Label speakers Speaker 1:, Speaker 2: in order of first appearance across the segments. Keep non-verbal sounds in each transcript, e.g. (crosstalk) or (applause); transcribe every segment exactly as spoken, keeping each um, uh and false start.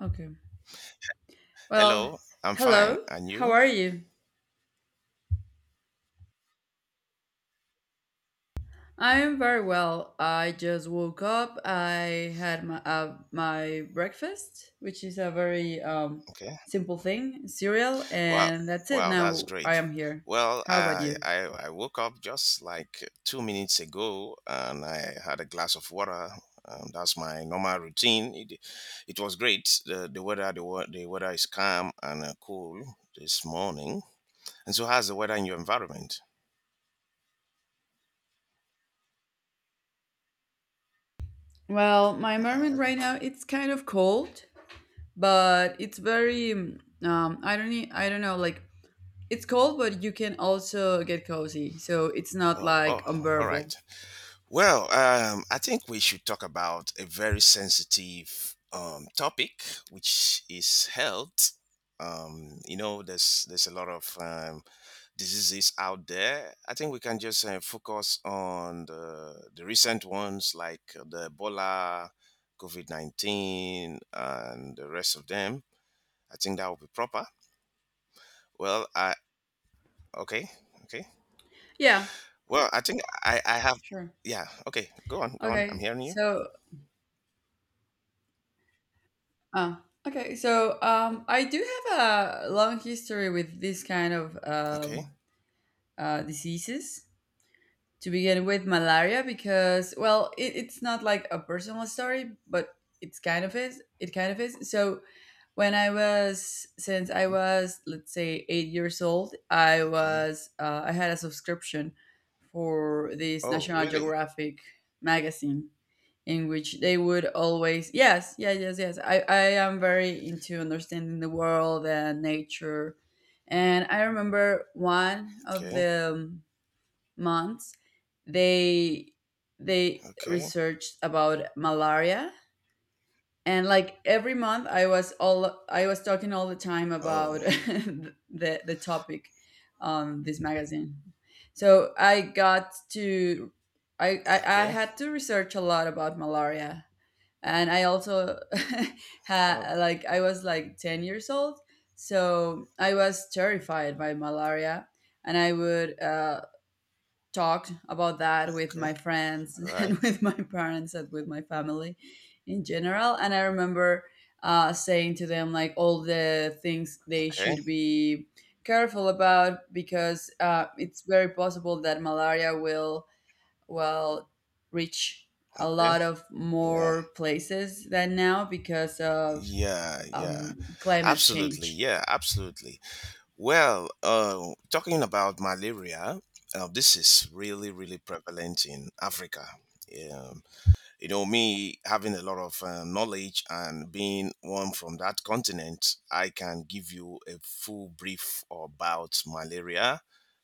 Speaker 1: Okay. Well,
Speaker 2: Hello, I'm fine.
Speaker 1: hello.
Speaker 2: And
Speaker 1: How
Speaker 2: you?
Speaker 1: are you? I am very well. I just woke up. I had my uh, my breakfast, which is a very um,
Speaker 2: Okay.
Speaker 1: simple thing, cereal,
Speaker 2: Wow,
Speaker 1: and that's it.
Speaker 2: wow, that's
Speaker 1: Now I
Speaker 2: great.
Speaker 1: am here.
Speaker 2: Well,
Speaker 1: How about
Speaker 2: I,
Speaker 1: you?
Speaker 2: I I woke up just like two minutes ago, and I had a glass of water. Um, that's my normal routine. It, it was great. The, the weather the, wea- the weather is calm and uh, cool this morning. And so, how's the weather in your environment?
Speaker 1: Well, my environment
Speaker 2: Oh,
Speaker 1: right now it's kind of cold, but it's very um I don't need, I don't know like it's cold, but you can also get cozy, so it's not
Speaker 2: oh,
Speaker 1: like
Speaker 2: oh, all
Speaker 1: unbearable.
Speaker 2: right. Well, um, I think we should talk about a very sensitive um, topic, which is health. Um, you know, there's there's a lot of um, diseases out there. I think we can just uh, focus on the the recent ones like the Ebola, COVID nineteen, and the rest of them. I think that would be proper. Well, I okay, okay.
Speaker 1: Yeah,
Speaker 2: Well, I think I I have
Speaker 1: sure.
Speaker 2: yeah. Okay, go on, go on. I'm
Speaker 1: Okay,
Speaker 2: hearing you.
Speaker 1: so Ah, okay. So um, I do have a long history with this kind of
Speaker 2: Okay.
Speaker 1: um, uh, diseases. To begin with, malaria, because well, it, it's not like a personal story, but it's kind of is. It kind of is. So when I was since I was, let's say, eight years old, I
Speaker 2: Okay.
Speaker 1: was uh, I had a subscription for this
Speaker 2: Oh,
Speaker 1: National
Speaker 2: really?
Speaker 1: Geographic magazine, in which they would always yes yes yes yes I, I am very into understanding the world and nature, and I remember one of
Speaker 2: Okay,
Speaker 1: the um, months, they they
Speaker 2: okay.
Speaker 1: researched about malaria. And like every month, i was all I was talking all the time
Speaker 2: Oh,
Speaker 1: about (laughs) the the topic on this magazine. So I got to I, I I
Speaker 2: okay.
Speaker 1: had to research a lot about malaria. And I also (laughs)
Speaker 2: Oh,
Speaker 1: had like I was like ten years old, so I was terrified by malaria. And I would uh, talk about that with
Speaker 2: okay.
Speaker 1: my friends
Speaker 2: All
Speaker 1: (laughs)
Speaker 2: right.
Speaker 1: and with my parents and with my family in general. And I remember uh, saying to them like all the things they
Speaker 2: Okay.
Speaker 1: should be careful about because uh, it's very possible that malaria will well reach a
Speaker 2: Okay.
Speaker 1: lot of
Speaker 2: Yeah.
Speaker 1: more places than now because of
Speaker 2: Yeah. Yeah.
Speaker 1: um, climate
Speaker 2: Absolutely.
Speaker 1: change.
Speaker 2: Yeah. Absolutely. Well, uh, talking about malaria, uh, this is really, really prevalent in Africa. Um, you know, me having a lot of uh, knowledge and being one from that continent, I can give you a full brief about malaria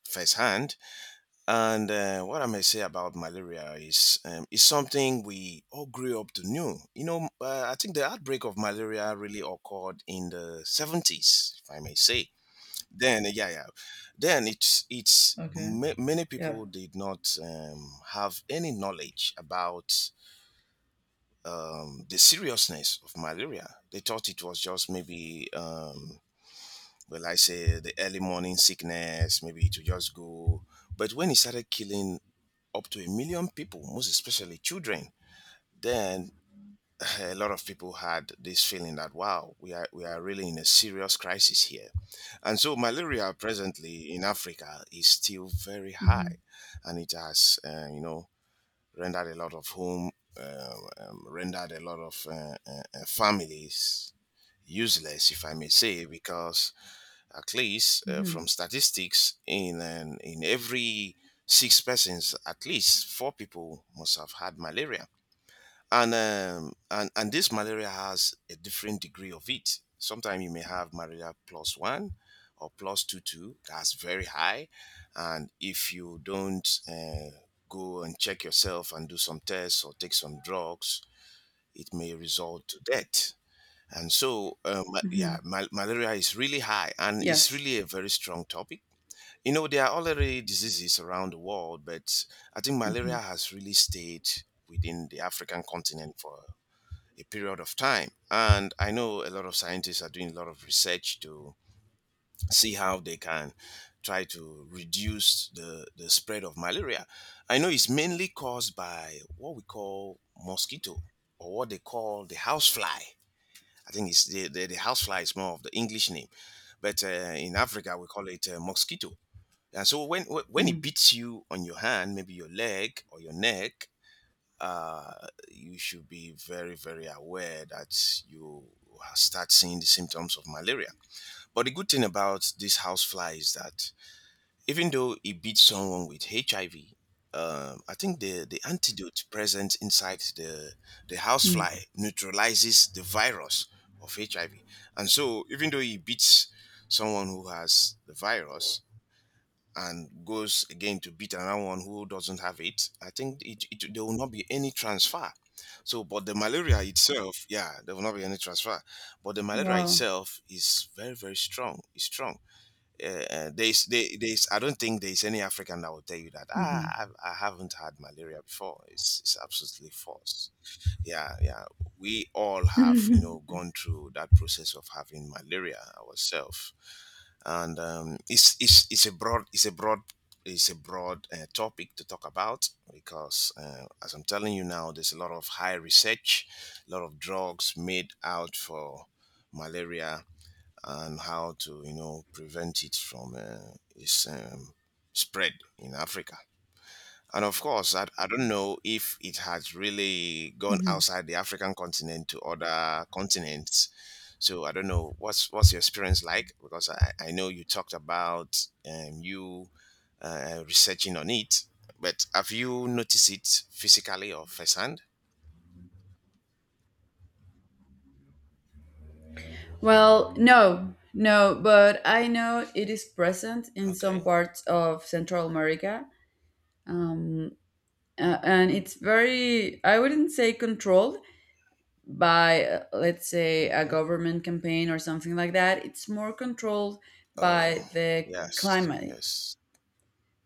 Speaker 2: firsthand. And uh, what I may say about malaria is um, is something we all grew up to know. You know, uh, I think the outbreak of malaria really occurred in the seventies, if I may say. Then, yeah, yeah, then it's it's
Speaker 1: Okay.
Speaker 2: ma- many
Speaker 1: Yep.
Speaker 2: people did not um, have any knowledge about um, the seriousness of malaria. They thought it was just maybe, um, well, I say the early morning sickness. Maybe it would just go, but when it started killing up to a million people, most especially children, then eh, a lot of people had this feeling that wow, we are we are really in a serious crisis here, and so malaria presently in Africa is still very high,
Speaker 1: Hmm.
Speaker 2: and it has uh, you know rendered a lot of home, uh, um, rendered a lot of uh, uh, uh, families useless, if I may say, because at least uh, from
Speaker 1: Hmm.
Speaker 2: statistics, in an, in every six persons, at least four people must have had malaria. And um, and and this malaria has a different degree of it. Sometimes you may have malaria plus one or plus two two. That's very high, and if you don't uh, go and check yourself and do some tests or take some drugs, it may result to death. And so, uh, ma-
Speaker 1: Hmm.
Speaker 2: yeah, mal- malaria is really high and it's
Speaker 1: Yes.
Speaker 2: really a very strong topic. You know, there are already diseases around the world, but I think
Speaker 1: Hmm.
Speaker 2: malaria has really stayed within the African continent for a period of time. And I know a lot of scientists are doing a lot of research to see how they can try to reduce the, the spread of malaria. I know it's mainly caused by what we call mosquito, or what they call the housefly. I think it's the, the, the housefly is more of the English name, but uh, in Africa we call it uh, mosquito. And so when wh- when it beats you on your hand, maybe your leg or your neck, uh, you should be very very aware that you start seeing the symptoms of malaria. But the good thing about this housefly is that even though he beat someone with H I V, um, I think the, the antidote present inside the the
Speaker 1: Hmm.
Speaker 2: housefly neutralizes the virus of H I V. And so, even though he beats someone who has the virus and goes again to beat another one who doesn't have it, I think it, it there will not be any transfer. So, but the malaria itself, yeah, there will not be any transfer. But the malaria
Speaker 1: Wow.
Speaker 2: itself is very, very strong. It's strong uh, there's they, there's I don't think there's any African that will tell you that
Speaker 1: Hmm.
Speaker 2: ah I, I haven't had malaria before. It's it's absolutely false. Yeah, yeah. We all have you know gone through that process of having malaria ourselves, and um, it's it's it's a broad it's a broad it's a broad uh, topic to talk about because uh, as I'm telling you now, there's a lot of high research, a lot of drugs made out for malaria and how to you know prevent it from uh, its um, spread in Africa. And of course, I, I don't know if it has really gone outside the African continent to other continents. So I don't know what's what's your experience like because I, I know you talked about um, you uh, researching on it, but have you noticed it physically or firsthand?
Speaker 1: Well, no, no, but I know it is present in some
Speaker 2: Okay.
Speaker 1: parts of Central America. Um, uh, and it's very, I wouldn't say controlled by, uh, let's say, a
Speaker 2: Okay.
Speaker 1: government campaign or something like that. It's more controlled
Speaker 2: Oh
Speaker 1: by the
Speaker 2: yes,
Speaker 1: climate.
Speaker 2: yes.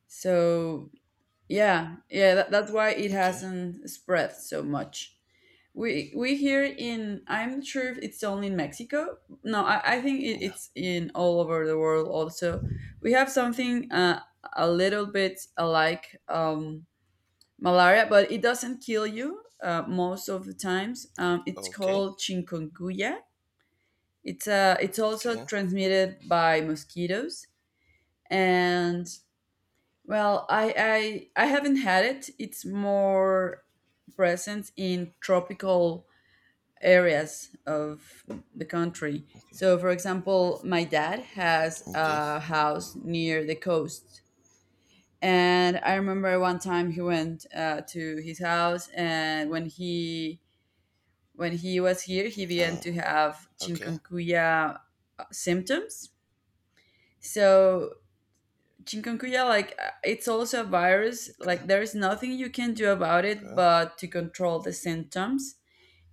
Speaker 1: So yeah, yeah, that, that's why it
Speaker 2: Okay.
Speaker 1: hasn't spread so much. We we here in, I'm not sure if it's only in Mexico. No, i, I think it,
Speaker 2: Yeah.
Speaker 1: it's in all over the world also. We have something uh, a little bit alike, um, malaria, but it doesn't kill you uh, most of the times. um, it's
Speaker 2: Okay.
Speaker 1: called chikungunya. It's uh, it's also
Speaker 2: Okay.
Speaker 1: transmitted by mosquitoes, and well, I I I haven't had it. It's more present in tropical areas of the country. So, for example, my dad has
Speaker 2: Okay.
Speaker 1: a house near the coast, and I remember one time he went uh, to his house, and when he when he was here, he began
Speaker 2: Oh,
Speaker 1: to have
Speaker 2: okay.
Speaker 1: chikungunya uh, symptoms. So chikungunya, like, uh, it's also a virus.
Speaker 2: Okay.
Speaker 1: Like, there is nothing you can do about it
Speaker 2: Okay.
Speaker 1: but to control the symptoms.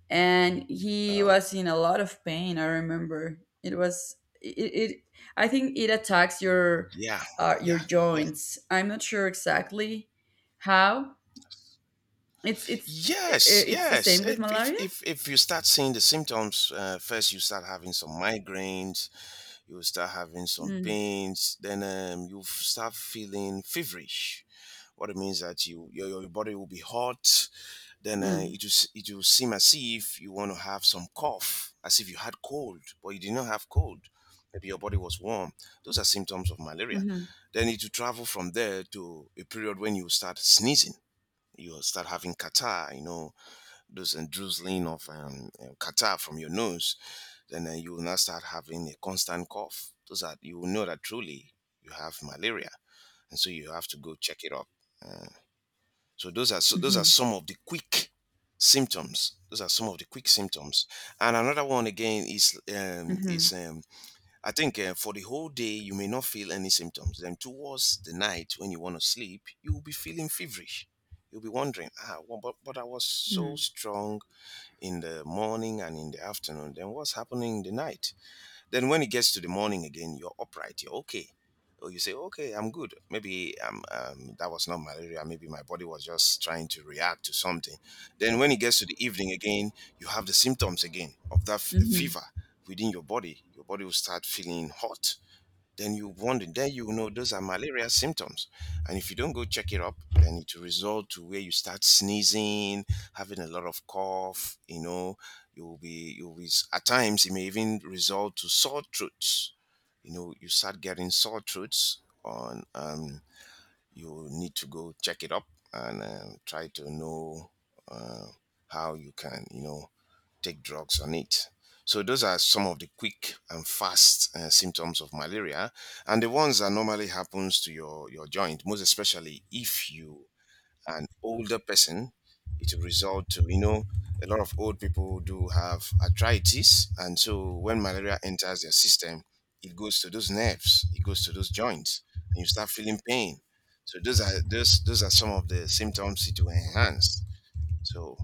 Speaker 1: And he
Speaker 2: Oh,
Speaker 1: was in a lot of pain. I remember it was it. it I think it attacks your
Speaker 2: yeah.
Speaker 1: uh, your
Speaker 2: Yeah. Yeah.
Speaker 1: joints. I'm not sure exactly how. It's it's
Speaker 2: Yes.
Speaker 1: i- it's the
Speaker 2: Yes.
Speaker 1: same with
Speaker 2: If if
Speaker 1: malaria.
Speaker 2: if, if you start seeing the symptoms, uh, first you start having some migraines. You will start having some
Speaker 1: Mm,
Speaker 2: pains. Then um, you f- start feeling feverish. What it means that you your, your body will be hot. Then uh,
Speaker 1: mm,
Speaker 2: it will s- it will seem as if you want to have some cough, as if you had cold, but you did not have cold. Maybe your body was warm. Those are symptoms of malaria.
Speaker 1: mm-hmm,
Speaker 2: Then it will travel from there to a period when you start sneezing. You start having catarrh, you know, those and drizzling of um, uh, catarrh from your nose. Then uh, you will now start having a constant cough. Those are you will know that truly you have malaria, and so you have to go check it up. Uh, so those are so those
Speaker 1: mm-hmm,
Speaker 2: are some of the quick symptoms. Those are some of the quick symptoms. And another one again is um,
Speaker 1: mm-hmm,
Speaker 2: is um, I think uh, for the whole day you may not feel any symptoms. Then towards the night when you want to sleep, you will be feeling feverish. You'll be wondering, ah, well, but but I was
Speaker 1: mm-hmm.
Speaker 2: so strong in the morning and in the afternoon. Then what's happening in the night? Then when it gets to the morning again, you're upright, you're okay. Or you say, okay, I'm good. Maybe um, um, that was not malaria. Maybe my body was just trying to react to something. Then when it gets to the evening again, you have the symptoms again of that f-
Speaker 1: Mm-hmm.
Speaker 2: fever within your body. Your body will start feeling hot, then you wonder, then you know those are malaria symptoms. And if you don't go check it up, then it will result to where you start sneezing, having a lot of cough, you know, you'll be you'll be at times it may even result to sore throats. You know, you start getting sore throats on um you need to go check it up and um, try to know uh, how you can you know take drugs on it. So those are some of the quick and fast uh, symptoms of malaria, and the ones that normally happens to your your joint, most especially if you are an older person, it will result to you know a lot of old people do have arthritis, and so when malaria enters their system, it goes to those nerves, it goes to those joints, and you start feeling pain. So those are those those are some of the symptoms it will enhance. So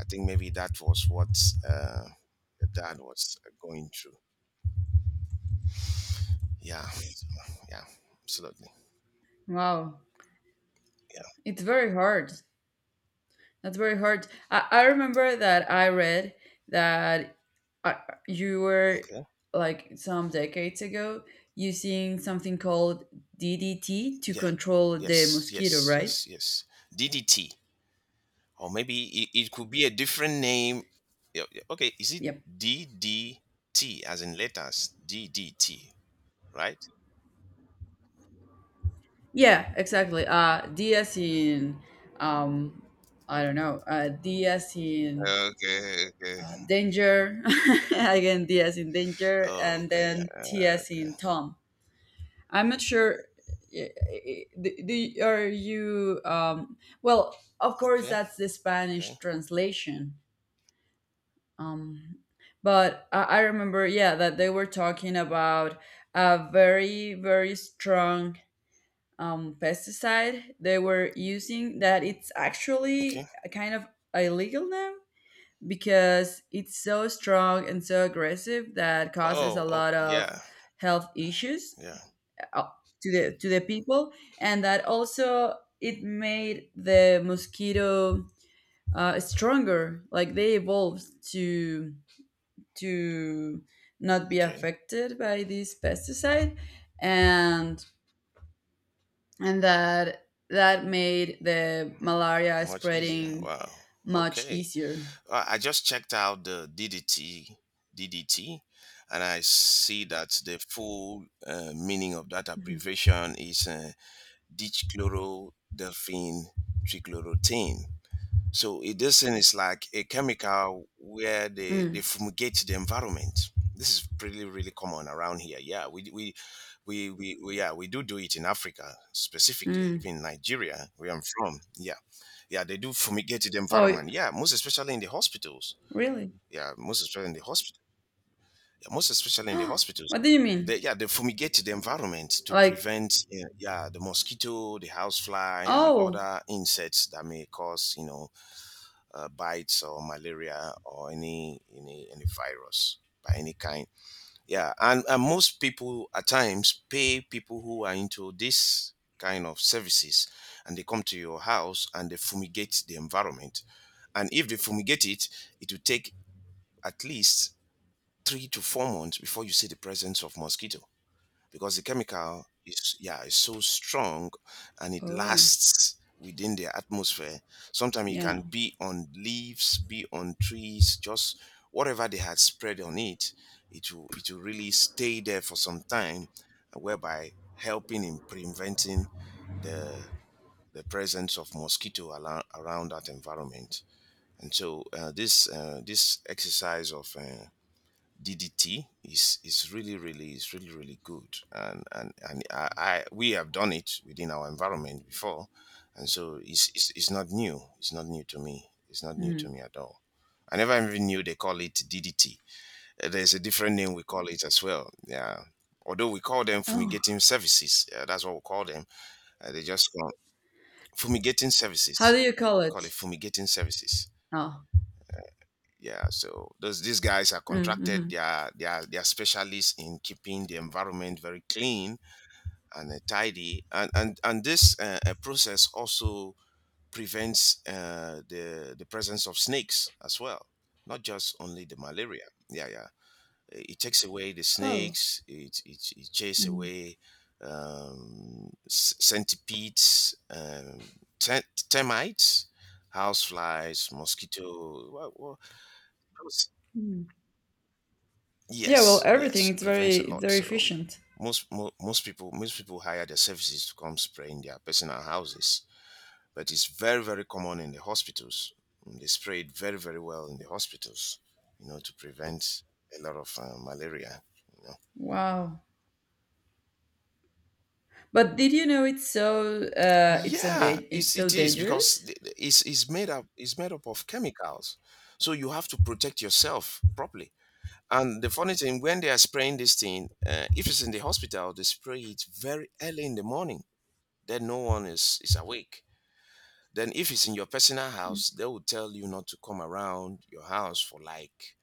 Speaker 2: I think maybe that was what uh, your dad was uh, going through. Yeah. So, yeah. Absolutely.
Speaker 1: Wow,
Speaker 2: Yeah.
Speaker 1: it's very hard. That's very hard. I, I remember that I read that uh, you were,
Speaker 2: Okay.
Speaker 1: like, some decades ago, using something called D D T to
Speaker 2: Yeah.
Speaker 1: control the
Speaker 2: Yes.
Speaker 1: mosquito,
Speaker 2: Yes.
Speaker 1: right?
Speaker 2: Yes. Yes. D D T, or maybe it, it could be a different name. Yeah, yeah, okay. Is it
Speaker 1: Yep.
Speaker 2: D D T as in letters? D D T, right?
Speaker 1: Yeah, exactly. Uh, D as in, um, I don't know, uh, D as in
Speaker 2: Okay, okay.
Speaker 1: uh, danger, (laughs) again, D as in danger,
Speaker 2: Oh,
Speaker 1: and
Speaker 2: okay.
Speaker 1: then T
Speaker 2: Uh,
Speaker 1: as
Speaker 2: okay.
Speaker 1: in Tom. I'm not sure. eh, eh, the- the- Are you? Um, well, of course,
Speaker 2: Okay.
Speaker 1: that's the
Speaker 2: Okay.
Speaker 1: Spanish translation. Um, but I, I remember, yeah, that they were talking about a very, very strong um, pesticide they were using, that it's
Speaker 2: Okay.
Speaker 1: actually a kind of illegal now because it's so strong and so aggressive that causes a
Speaker 2: Oh,
Speaker 1: lot
Speaker 2: okay.
Speaker 1: of
Speaker 2: Yeah.
Speaker 1: health issues
Speaker 2: Yeah.
Speaker 1: uh, to the to the people, and that also it made the mosquito uh, stronger. Like, they evolved to to not be
Speaker 2: Okay.
Speaker 1: affected by this pesticide, and and that that made the malaria
Speaker 2: Much easier.
Speaker 1: spreading
Speaker 2: Wow.
Speaker 1: much
Speaker 2: Okay.
Speaker 1: easier.
Speaker 2: Uh, I just checked out the DDT, D D T, and I see that the full uh, meaning of that
Speaker 1: Mhm.
Speaker 2: abbreviation is uh, dichchlorodelphine trichloroethane. So it, this thing is like a chemical where they, they
Speaker 1: Mm,
Speaker 2: fumigate the environment. This is pretty really common around here. Yeah, we we we, we, we yeah we do do it in Africa specifically,
Speaker 1: mm.
Speaker 2: even Nigeria where I'm from. Yeah, yeah, they do fumigate the
Speaker 1: Oh,
Speaker 2: environment. Yeah, most especially in the hospitals,
Speaker 1: really?
Speaker 2: yeah, most especially in the hospital. Yeah, most especially in the hospitals.
Speaker 1: What do you mean?
Speaker 2: They, yeah, they fumigate the environment to
Speaker 1: Like,
Speaker 2: prevent, uh, yeah, the mosquito, the housefly, and
Speaker 1: oh,
Speaker 2: other insects that may cause, you know, uh, bites or malaria or any any any virus by any kind. Yeah, and, and most people at times pay people who are into this kind of services, and they come to your house and they fumigate the environment. And if they fumigate it, it will take at least three to four months before you see the presence of mosquito, because the chemical is yeah is so strong, and it
Speaker 1: oh,
Speaker 2: lasts within the atmosphere. Sometimes it
Speaker 1: yeah.
Speaker 2: can be on leaves, be on trees, just whatever they had spread on it, it will, it will really stay there for some time, uh, whereby helping in preventing the the presence of mosquito ala around that environment. And so uh, this uh, this exercise of uh, D D T is is really really is really really good, and and and I, I we have done it within our environment before, and so it's, it's it's not new. It's not new to me. It's not new
Speaker 1: Mm.
Speaker 2: to me at all. I never even knew they call it D D T. Uh, There's a different name we call it as well. Yeah, although we call them
Speaker 1: Oh,
Speaker 2: fumigating services. Uh, that's what we call them. Uh, they just call fumigating
Speaker 1: how do
Speaker 2: services.
Speaker 1: you call
Speaker 2: We
Speaker 1: it?
Speaker 2: call it fumigating services.
Speaker 1: Oh.
Speaker 2: Yeah, so those these guys are contracted.
Speaker 1: Mm-hmm.
Speaker 2: They are they are they are specialists in keeping the environment very clean and uh, tidy, and and and this uh, uh, process also prevents uh, the the presence of snakes as well, not just only the malaria. Yeah, yeah. Uh, it takes away the
Speaker 1: Oh,
Speaker 2: snakes. It it, it chases
Speaker 1: mhm.
Speaker 2: away um, c- centipedes, um, te- termites, houseflies, mosquito. Well, well,
Speaker 1: Yeah. Well,
Speaker 2: yes,
Speaker 1: everything,
Speaker 2: yes, it
Speaker 1: it's very
Speaker 2: prevents a
Speaker 1: it's
Speaker 2: lot.
Speaker 1: very
Speaker 2: So
Speaker 1: efficient.
Speaker 2: most mo- most people most people hire their services to come spray in their personal houses, but it's very very common in the hospitals. Mm. They spray it very very well in the hospitals, you know, to prevent a lot of uh, malaria. You know.
Speaker 1: Wow. But did you know it's so uh it's so
Speaker 2: Yeah,
Speaker 1: da- it's
Speaker 2: it's
Speaker 1: so
Speaker 2: it is, because
Speaker 1: dangerous?
Speaker 2: th- th- it's it's made up it's made up of chemicals, so you have to protect yourself properly. And the funny thing, when they are spraying this thing, uh, if it's in the hospital, they spray it very early in the morning, then no one is is awake. Then if it's in your personal house, they will tell you not to come around your house for, like,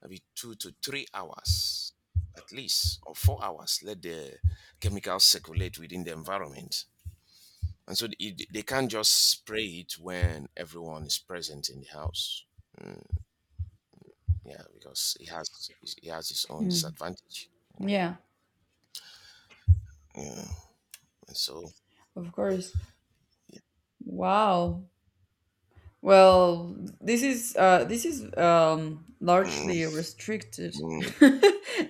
Speaker 2: maybe two to three hours at least, or four hours, let the chemicals circulate within the environment. And so it, they can't just spray it when everyone is present in the house. Yeah, because it has it has its own disadvantage. Mm,
Speaker 1: Yeah,
Speaker 2: yeah, and so
Speaker 1: of course.
Speaker 2: yeah.
Speaker 1: Wow. Well, this is uh this is um largely
Speaker 2: Mm,
Speaker 1: restricted (laughs)
Speaker 2: mm,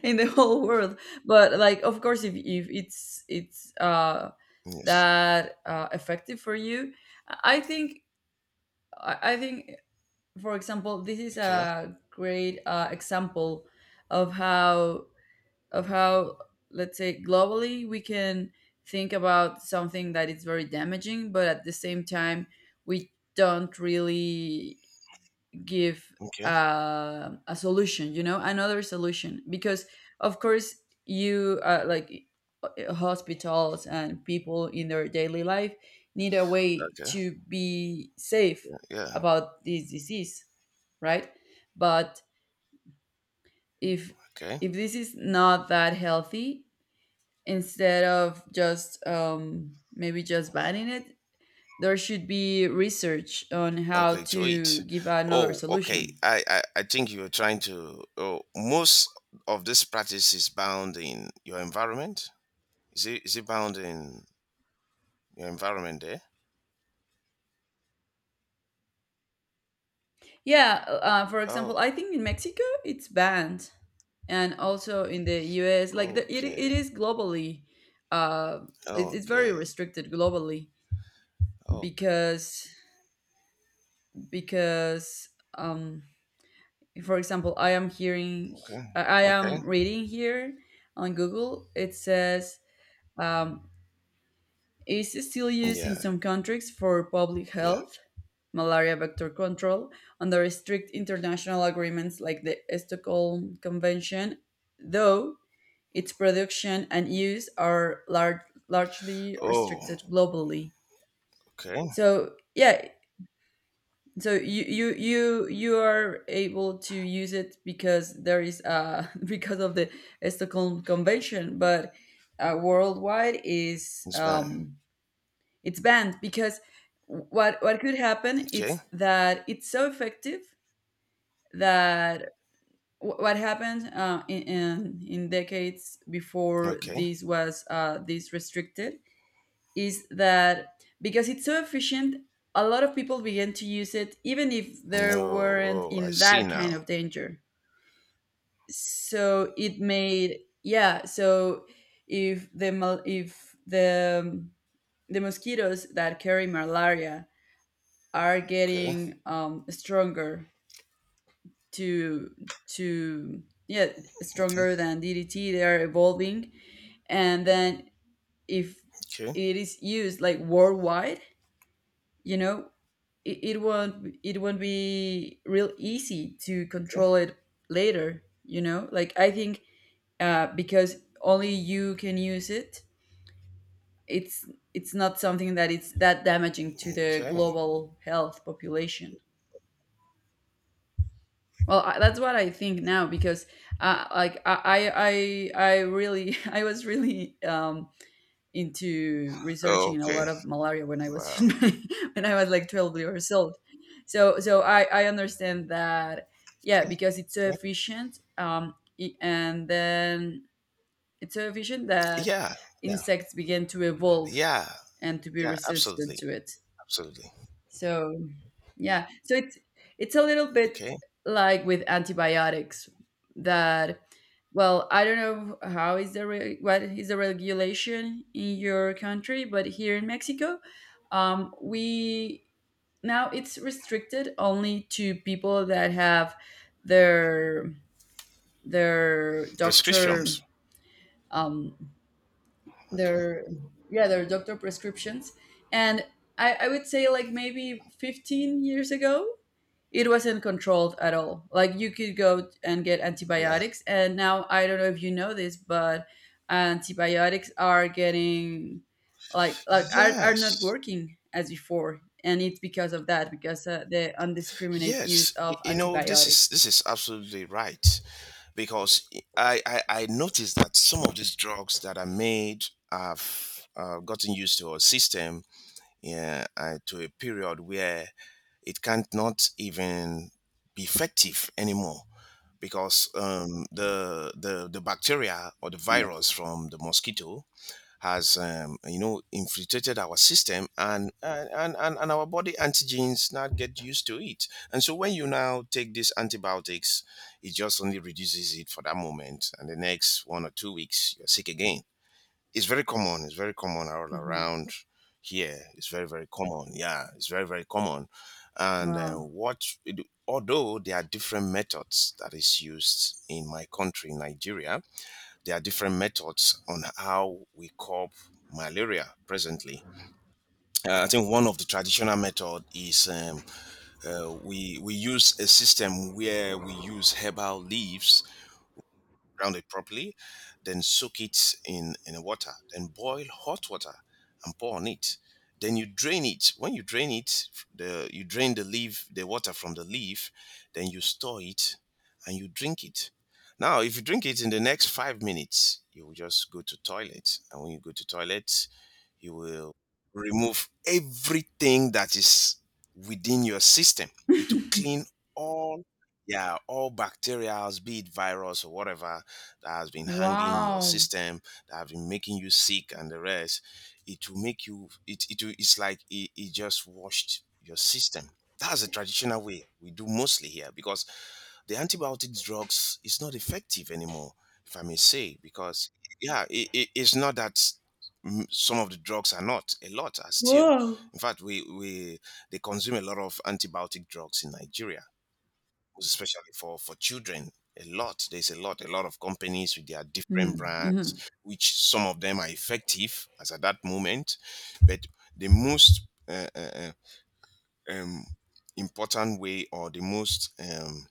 Speaker 1: in the whole world. But, like, of course, if if it's it's uh
Speaker 2: yes,
Speaker 1: that uh effective for you, I I think I I think for example, this is
Speaker 2: okay,
Speaker 1: a great uh, example of how of how let's say globally we can think about something that is very damaging, but at the same time we don't really give
Speaker 2: okay,
Speaker 1: uh, a solution, you know another solution, because, of course, you uh, like, uh, hospitals and people in their daily life need a way
Speaker 2: okay,
Speaker 1: to be safe
Speaker 2: yeah, yeah,
Speaker 1: about this disease, right? But if
Speaker 2: okay.
Speaker 1: if this is not that healthy, instead of just um, maybe just banning it, there should be research on how
Speaker 2: Okay, to
Speaker 1: to
Speaker 2: eat.
Speaker 1: give another
Speaker 2: Oh, okay.
Speaker 1: solution.
Speaker 2: I, I, I think you're trying to. Oh, most of this practice is bound in your environment. Is it is it bound in your environment there?
Speaker 1: Yeah, uh, for example,
Speaker 2: Oh,
Speaker 1: I think in Mexico it's banned, and also in the U S, like, the, it,
Speaker 2: okay,
Speaker 1: it is globally, uh, it, it's very
Speaker 2: okay,
Speaker 1: restricted globally,
Speaker 2: okay,
Speaker 1: because because um, for example, I am hearing,
Speaker 2: okay,
Speaker 1: I I
Speaker 2: okay.
Speaker 1: am reading here on Google. It says, um, is still used in
Speaker 2: Yeah,
Speaker 1: some countries for public
Speaker 2: yeah.
Speaker 1: health, malaria vector control, under strict international agreements like the Stockholm Convention, though its production and use are lar- largely
Speaker 2: Oh,
Speaker 1: restricted globally.
Speaker 2: okay.
Speaker 1: So, yeah, so you, you you you are able to use it because there is uh (laughs) because of the Stockholm Convention, but uh, worldwide is
Speaker 2: It's fine.
Speaker 1: um it's banned, because what what could happen
Speaker 2: Okay,
Speaker 1: is that it's so effective that wh- what happened uh, in, in in decades before
Speaker 2: okay.
Speaker 1: this was uh, this restricted, is that because it's so efficient, a lot of people began to use it even if they
Speaker 2: No,
Speaker 1: weren't
Speaker 2: oh, I
Speaker 1: in
Speaker 2: see
Speaker 1: that
Speaker 2: now.
Speaker 1: kind of danger. So it made, yeah, so if the mal- if the um, the mosquitoes that carry malaria are
Speaker 2: Okay,
Speaker 1: getting um, stronger to to yeah,
Speaker 2: okay,
Speaker 1: stronger than D D T. They are evolving, and then if
Speaker 2: okay,
Speaker 1: it is used, like, worldwide, you know, it, it won't it won't be real easy to
Speaker 2: okay.
Speaker 1: control it later. You know, like, I think, uh, because only you can use it. It's it's not something that it's that damaging to the
Speaker 2: Okay.
Speaker 1: global health population. Well, I, that's what I think now because, uh, like, I, I, I really, (laughs) I was really um, into
Speaker 2: Oh,
Speaker 1: researching a
Speaker 2: okay.
Speaker 1: lot of malaria when I was
Speaker 2: Wow.
Speaker 1: in my, (laughs) when I was like twelve years old. So, so I, I understand that, yeah,
Speaker 2: Okay.
Speaker 1: because it's so
Speaker 2: Okay.
Speaker 1: efficient. um, i- and then it's so efficient that
Speaker 2: Yeah, yeah,
Speaker 1: insects began to evolve
Speaker 2: yeah.
Speaker 1: and to be
Speaker 2: Yeah,
Speaker 1: resistant
Speaker 2: absolutely.
Speaker 1: to it.
Speaker 2: Absolutely.
Speaker 1: So yeah, so it's it's a little bit
Speaker 2: Okay.
Speaker 1: like with antibiotics, that, well, I don't know how is the re- what is the regulation in your country, but here in Mexico, um, we now it's restricted only to people that have their their doctor
Speaker 2: Prescriptions.
Speaker 1: um,
Speaker 2: Okay.
Speaker 1: their yeah, their doctor prescriptions, and I, I would say, like, maybe fifteen years ago, it wasn't controlled at all. Like, you could go and get
Speaker 2: Yeah.
Speaker 1: antibiotics, and now, I don't know if you know this, but antibiotics are getting, like, like are, are not
Speaker 2: Yes.
Speaker 1: working as before, and it's because of that, because, uh, the undiscriminate use
Speaker 2: Yes. Y-
Speaker 1: of
Speaker 2: You know, this is
Speaker 1: antibiotics.
Speaker 2: this is absolutely right, because I I, I noticed that some of these drugs that are made have uh, gotten used to our system, yeah, uh, to a period where it can't not even be effective anymore, because um, the, the the bacteria or the
Speaker 1: Yep.
Speaker 2: virus from the mosquito has um, you know infiltrated our system, and and, and and and our body antigens now get used to it. And so when you now take these antibiotics, it just only reduces it for that moment, and the next one or two weeks you're sick again. It's very common, it's very common all
Speaker 1: Hmm.
Speaker 2: around here, it's very very common, yeah, it's very very common. And uh,
Speaker 1: Wow.
Speaker 2: what although there are different methods that is used in my country, Nigeria, there are different methods on how we curb malaria presently. Uh, I think one of the traditional method is, um, uh, we we use a system where we use herbal leaves, ground it properly, then soak it in in water, then boil hot water and pour on it. Then you drain it. When you drain it, the you drain the leaf, the water from the leaf, then you store it and you drink it. Now, if you drink it in the next five minutes, you will just go to toilet, and when you go to toilet, you will remove everything that is within your system. It will clean all, yeah, all bacteria, be it virus or whatever, that has been hanging in your
Speaker 1: Wow.
Speaker 2: system, that have been making you sick and the rest. It will make you, it, it will, it's like it, it just washed your system. That's the traditional way we do mostly here, because the antibiotic drugs is not effective anymore, if I may say, because, yeah, it, it, it's not that. Mm, some of the drugs are not, a lot are still.
Speaker 1: Whoa.
Speaker 2: In fact, we we they consume a lot of antibiotic drugs in Nigeria, especially for for children. A lot, there's a lot a lot of companies with their different brands,
Speaker 1: Mm-hmm.
Speaker 2: which some of them are effective as at that moment, but the most uh, uh, uh, um, important way, or the most um,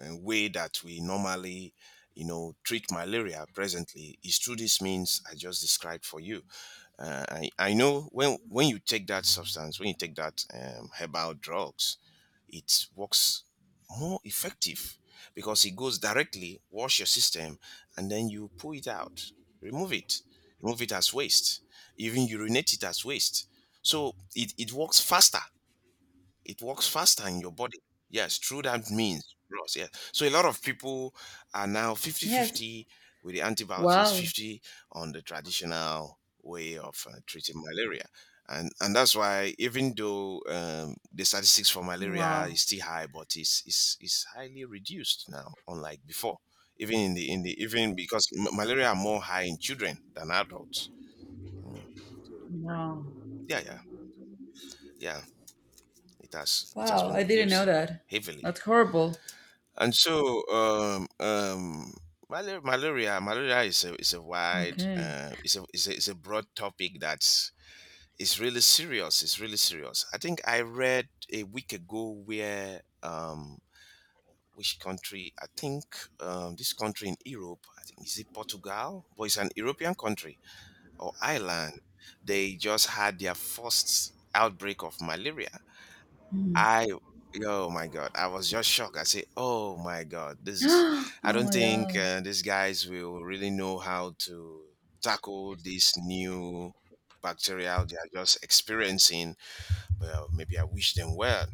Speaker 2: uh, way that we normally you know treat malaria presently is through these means I just described for you. uh, I, I know when when you take that substance, when you take that um, herbal drugs, it works more effective, because it goes directly wash your system, and then you pull it out, remove it, remove it as waste, even urinate it as waste. So it, it works faster, it works faster in your body. Yes, through that means, Ross. Yeah. So a lot of people are now
Speaker 1: Yes.
Speaker 2: fifty-fifty with the antibiotics,
Speaker 1: Wow.
Speaker 2: fifty on the traditional way of uh, treating malaria. And and that's why even though um, the statistics for malaria is
Speaker 1: Wow.
Speaker 2: still high, but it's, it's it's highly reduced now, unlike before. Even in the in the even because m- malaria are more high in children than adults. Mm. So,
Speaker 1: Wow.
Speaker 2: yeah, yeah, yeah. It has it has
Speaker 1: Wow.
Speaker 2: been
Speaker 1: I didn't know
Speaker 2: reduced
Speaker 1: that.
Speaker 2: heavily.
Speaker 1: That's horrible.
Speaker 2: And so, um, um, malar- malaria, malaria is a is a wide,
Speaker 1: Okay.
Speaker 2: uh, is a is a, is a broad topic that's really serious. It's really serious. I think I read a week ago where, um, which country? I think um, this country in Europe. I think, is it Portugal? But it's an European country, or Ireland. They just had their first outbreak of malaria.
Speaker 1: Hmm.
Speaker 2: I Oh my God, I was just shocked. I say, oh my God,
Speaker 1: (gasps)
Speaker 2: this is.
Speaker 1: Oh
Speaker 2: I don't
Speaker 1: my
Speaker 2: think
Speaker 1: god.
Speaker 2: uh, these guys will really know how to tackle this new bacterial they are just experiencing. Well, maybe I wish them well.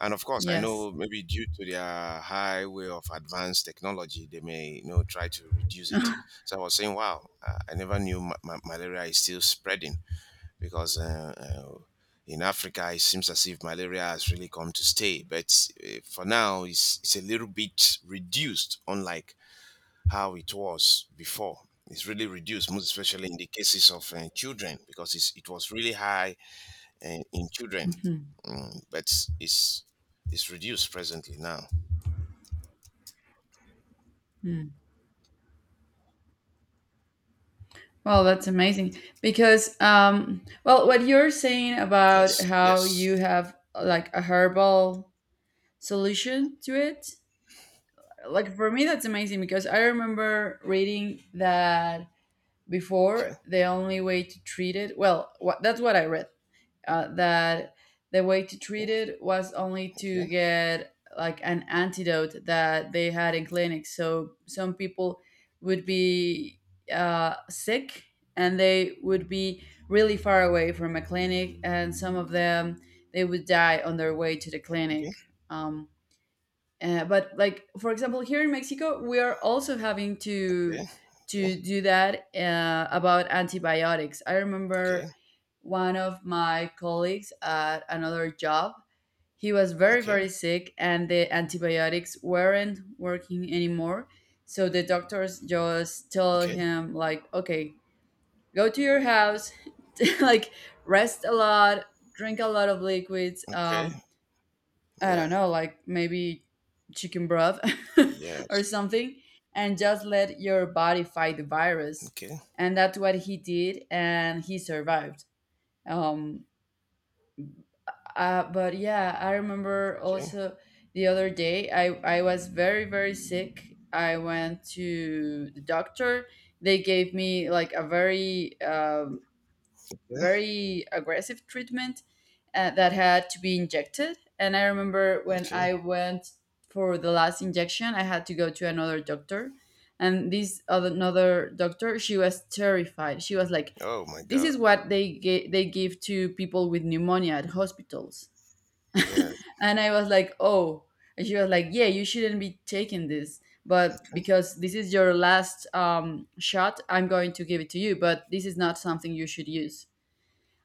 Speaker 2: And of course, I
Speaker 1: Yes.
Speaker 2: know, maybe due to their high way of advanced technology, they may you know try to reduce it. So I was saying, wow, uh, I never knew ma- ma- malaria is still spreading, because uh, uh, in Africa it seems as if malaria has really come to stay. But uh, for now, it's it's a little bit reduced, unlike how it was before. It's really reduced, most especially in the cases of uh, children, because it's, it was really high uh, in children.
Speaker 1: Mhm.
Speaker 2: Mm, but it's it's reduced presently now.
Speaker 1: Mm. Well, that's amazing because, um, well, what you're saying about
Speaker 2: Yes.
Speaker 1: how
Speaker 2: Yes.
Speaker 1: you have, like, a herbal solution to it, like, for me, that's amazing because I remember reading that
Speaker 2: Okay.
Speaker 1: before, the only way to treat it, well, what, that's what I read, uh, that the way to treat it was only to
Speaker 2: Okay.
Speaker 1: get like an antidote that they had in clinics. So some people would be uh, sick and they would be really far away from a clinic, and some of them, they would die on their way to the
Speaker 2: Okay.
Speaker 1: clinic. Um, uh, but, like, for example, here in Mexico, we are also having to
Speaker 2: Okay. Okay.
Speaker 1: to do that uh, about antibiotics. I
Speaker 2: Okay.
Speaker 1: remember one of my colleagues at another job. He was very,
Speaker 2: Okay.
Speaker 1: very sick, and the antibiotics weren't working anymore. So the doctors just tell
Speaker 2: Okay. Okay.
Speaker 1: him, like, okay, go to your house, (laughs) like, rest a lot, drink a lot of liquids, um,
Speaker 2: Okay.
Speaker 1: I
Speaker 2: Yeah.
Speaker 1: don't know, like, maybe chicken broth, (laughs) or
Speaker 2: Yes.
Speaker 1: something, and just let your body fight the virus.
Speaker 2: Okay.
Speaker 1: And that's what he did, and he survived. Um, uh, but yeah, I remember
Speaker 2: Okay.
Speaker 1: also the other day, I, I was very, very sick. I went to the doctor. They gave me like a very um,
Speaker 2: Okay.
Speaker 1: very aggressive treatment uh, that had to be injected. And I remember when
Speaker 2: Okay.
Speaker 1: I went for the last injection, I had to go to another doctor. And this other another doctor, she was terrified. She was like,
Speaker 2: Oh my
Speaker 1: "This
Speaker 2: God.
Speaker 1: is what they ga- they give to people with pneumonia at hospitals."
Speaker 2: Yeah.
Speaker 1: (laughs) and I was like, "Oh." And she was like, "Yeah, you shouldn't be taking this, but
Speaker 2: Okay.
Speaker 1: because this is your last um, shot, I'm going to give it to you. But this is not something you should use."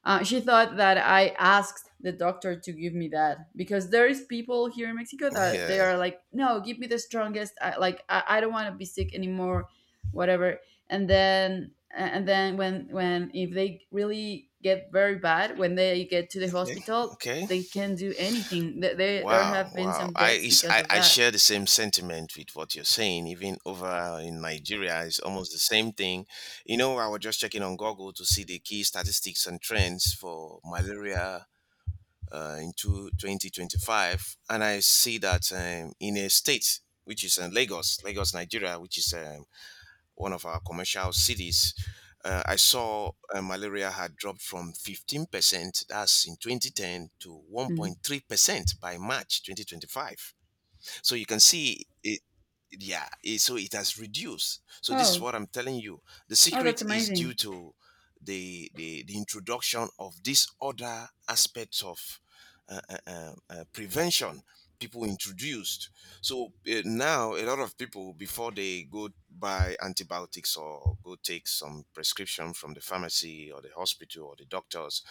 Speaker 1: Uh, she thought that I asked the doctor to give me that because there is people here in Mexico that they
Speaker 2: Yeah.
Speaker 1: are like, no, give me the strongest. I, like, I, I don't want to be sick anymore, whatever. And then, and then when, when if they really get very bad, when they get to the
Speaker 2: Okay.
Speaker 1: hospital,
Speaker 2: Okay.
Speaker 1: they can't do anything. They, they there
Speaker 2: Wow.
Speaker 1: have been
Speaker 2: Wow.
Speaker 1: some
Speaker 2: I,
Speaker 1: deaths
Speaker 2: is
Speaker 1: because
Speaker 2: I
Speaker 1: of
Speaker 2: I
Speaker 1: that.
Speaker 2: share the same sentiment with what you're saying. Even over in Nigeria, it's almost the same thing. You know, I was just checking on Google to see the key statistics and trends for malaria, uh, in two twenty twenty-five, and I see that, um, in a state which is, uh, Lagos, Lagos, Nigeria, which is, um, one of our commercial cities, uh, I saw, uh, malaria had dropped from fifteen percent, that's in twenty ten, to
Speaker 1: Mm.
Speaker 2: one point three percent by March twenty twenty-five. So you can see it. Yeah, it, so it has reduced. So this is
Speaker 1: Oh,
Speaker 2: what I'm telling you. The
Speaker 1: oh, that's
Speaker 2: secret is
Speaker 1: amazing.
Speaker 2: due to the the, the introduction of these other aspects of uh, uh, uh, uh, prevention people introduced. So uh, now a lot of people, before they go buy antibiotics or go take some prescription from the pharmacy or the hospital or the doctors,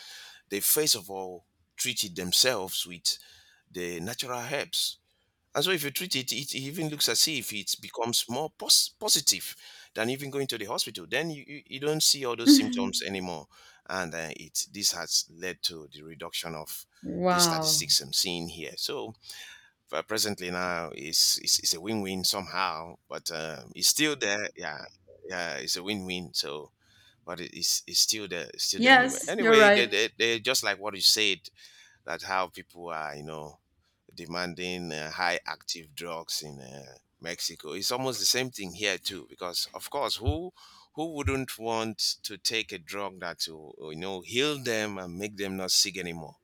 Speaker 2: they first of all treated themselves with the natural herbs. And so if you treat it, it even looks as if it becomes more pos- positive than even going to the hospital. Then you, you, you don't see all those symptoms
Speaker 1: (laughs)
Speaker 2: anymore. And uh, it this has led to the reduction of the
Speaker 1: wow.
Speaker 2: statistics I'm seeing here. So uh, presently now is is is a win-win somehow, but um, it's still there. Yeah, yeah, it's a win-win. So, but it- it's it's still there, it's still there anyway.
Speaker 1: Yes, you're
Speaker 2: Anyway, they
Speaker 1: right.
Speaker 2: they they're just like what you said. That's how people are, you know, demanding uh, high active drugs in uh, Mexico. It's almost the same thing here too, because of course, who who wouldn't want to take a drug that will you know heal them and make them not sick anymore?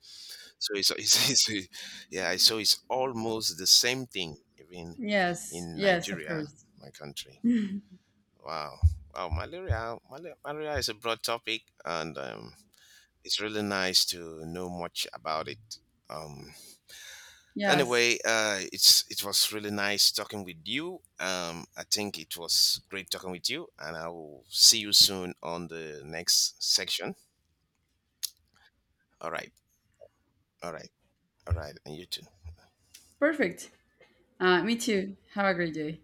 Speaker 2: So it's, it's, (laughs) it's yeah, so it's almost the same thing even
Speaker 1: Yes,
Speaker 2: in
Speaker 1: yes, of
Speaker 2: Nigeria,
Speaker 1: course.
Speaker 2: my country.
Speaker 1: (laughs)
Speaker 2: Wow, wow, malaria, malaria, malaria is a broad topic, and um, it's really nice to know much about it. Um,
Speaker 1: Yes.
Speaker 2: Anyway, uh, it's it was really nice talking with you. Um, I think it was great talking with you, and I will see you soon on the next section. All right, all right, all right, and you too.
Speaker 1: Perfect. Uh, me too. Have a great day.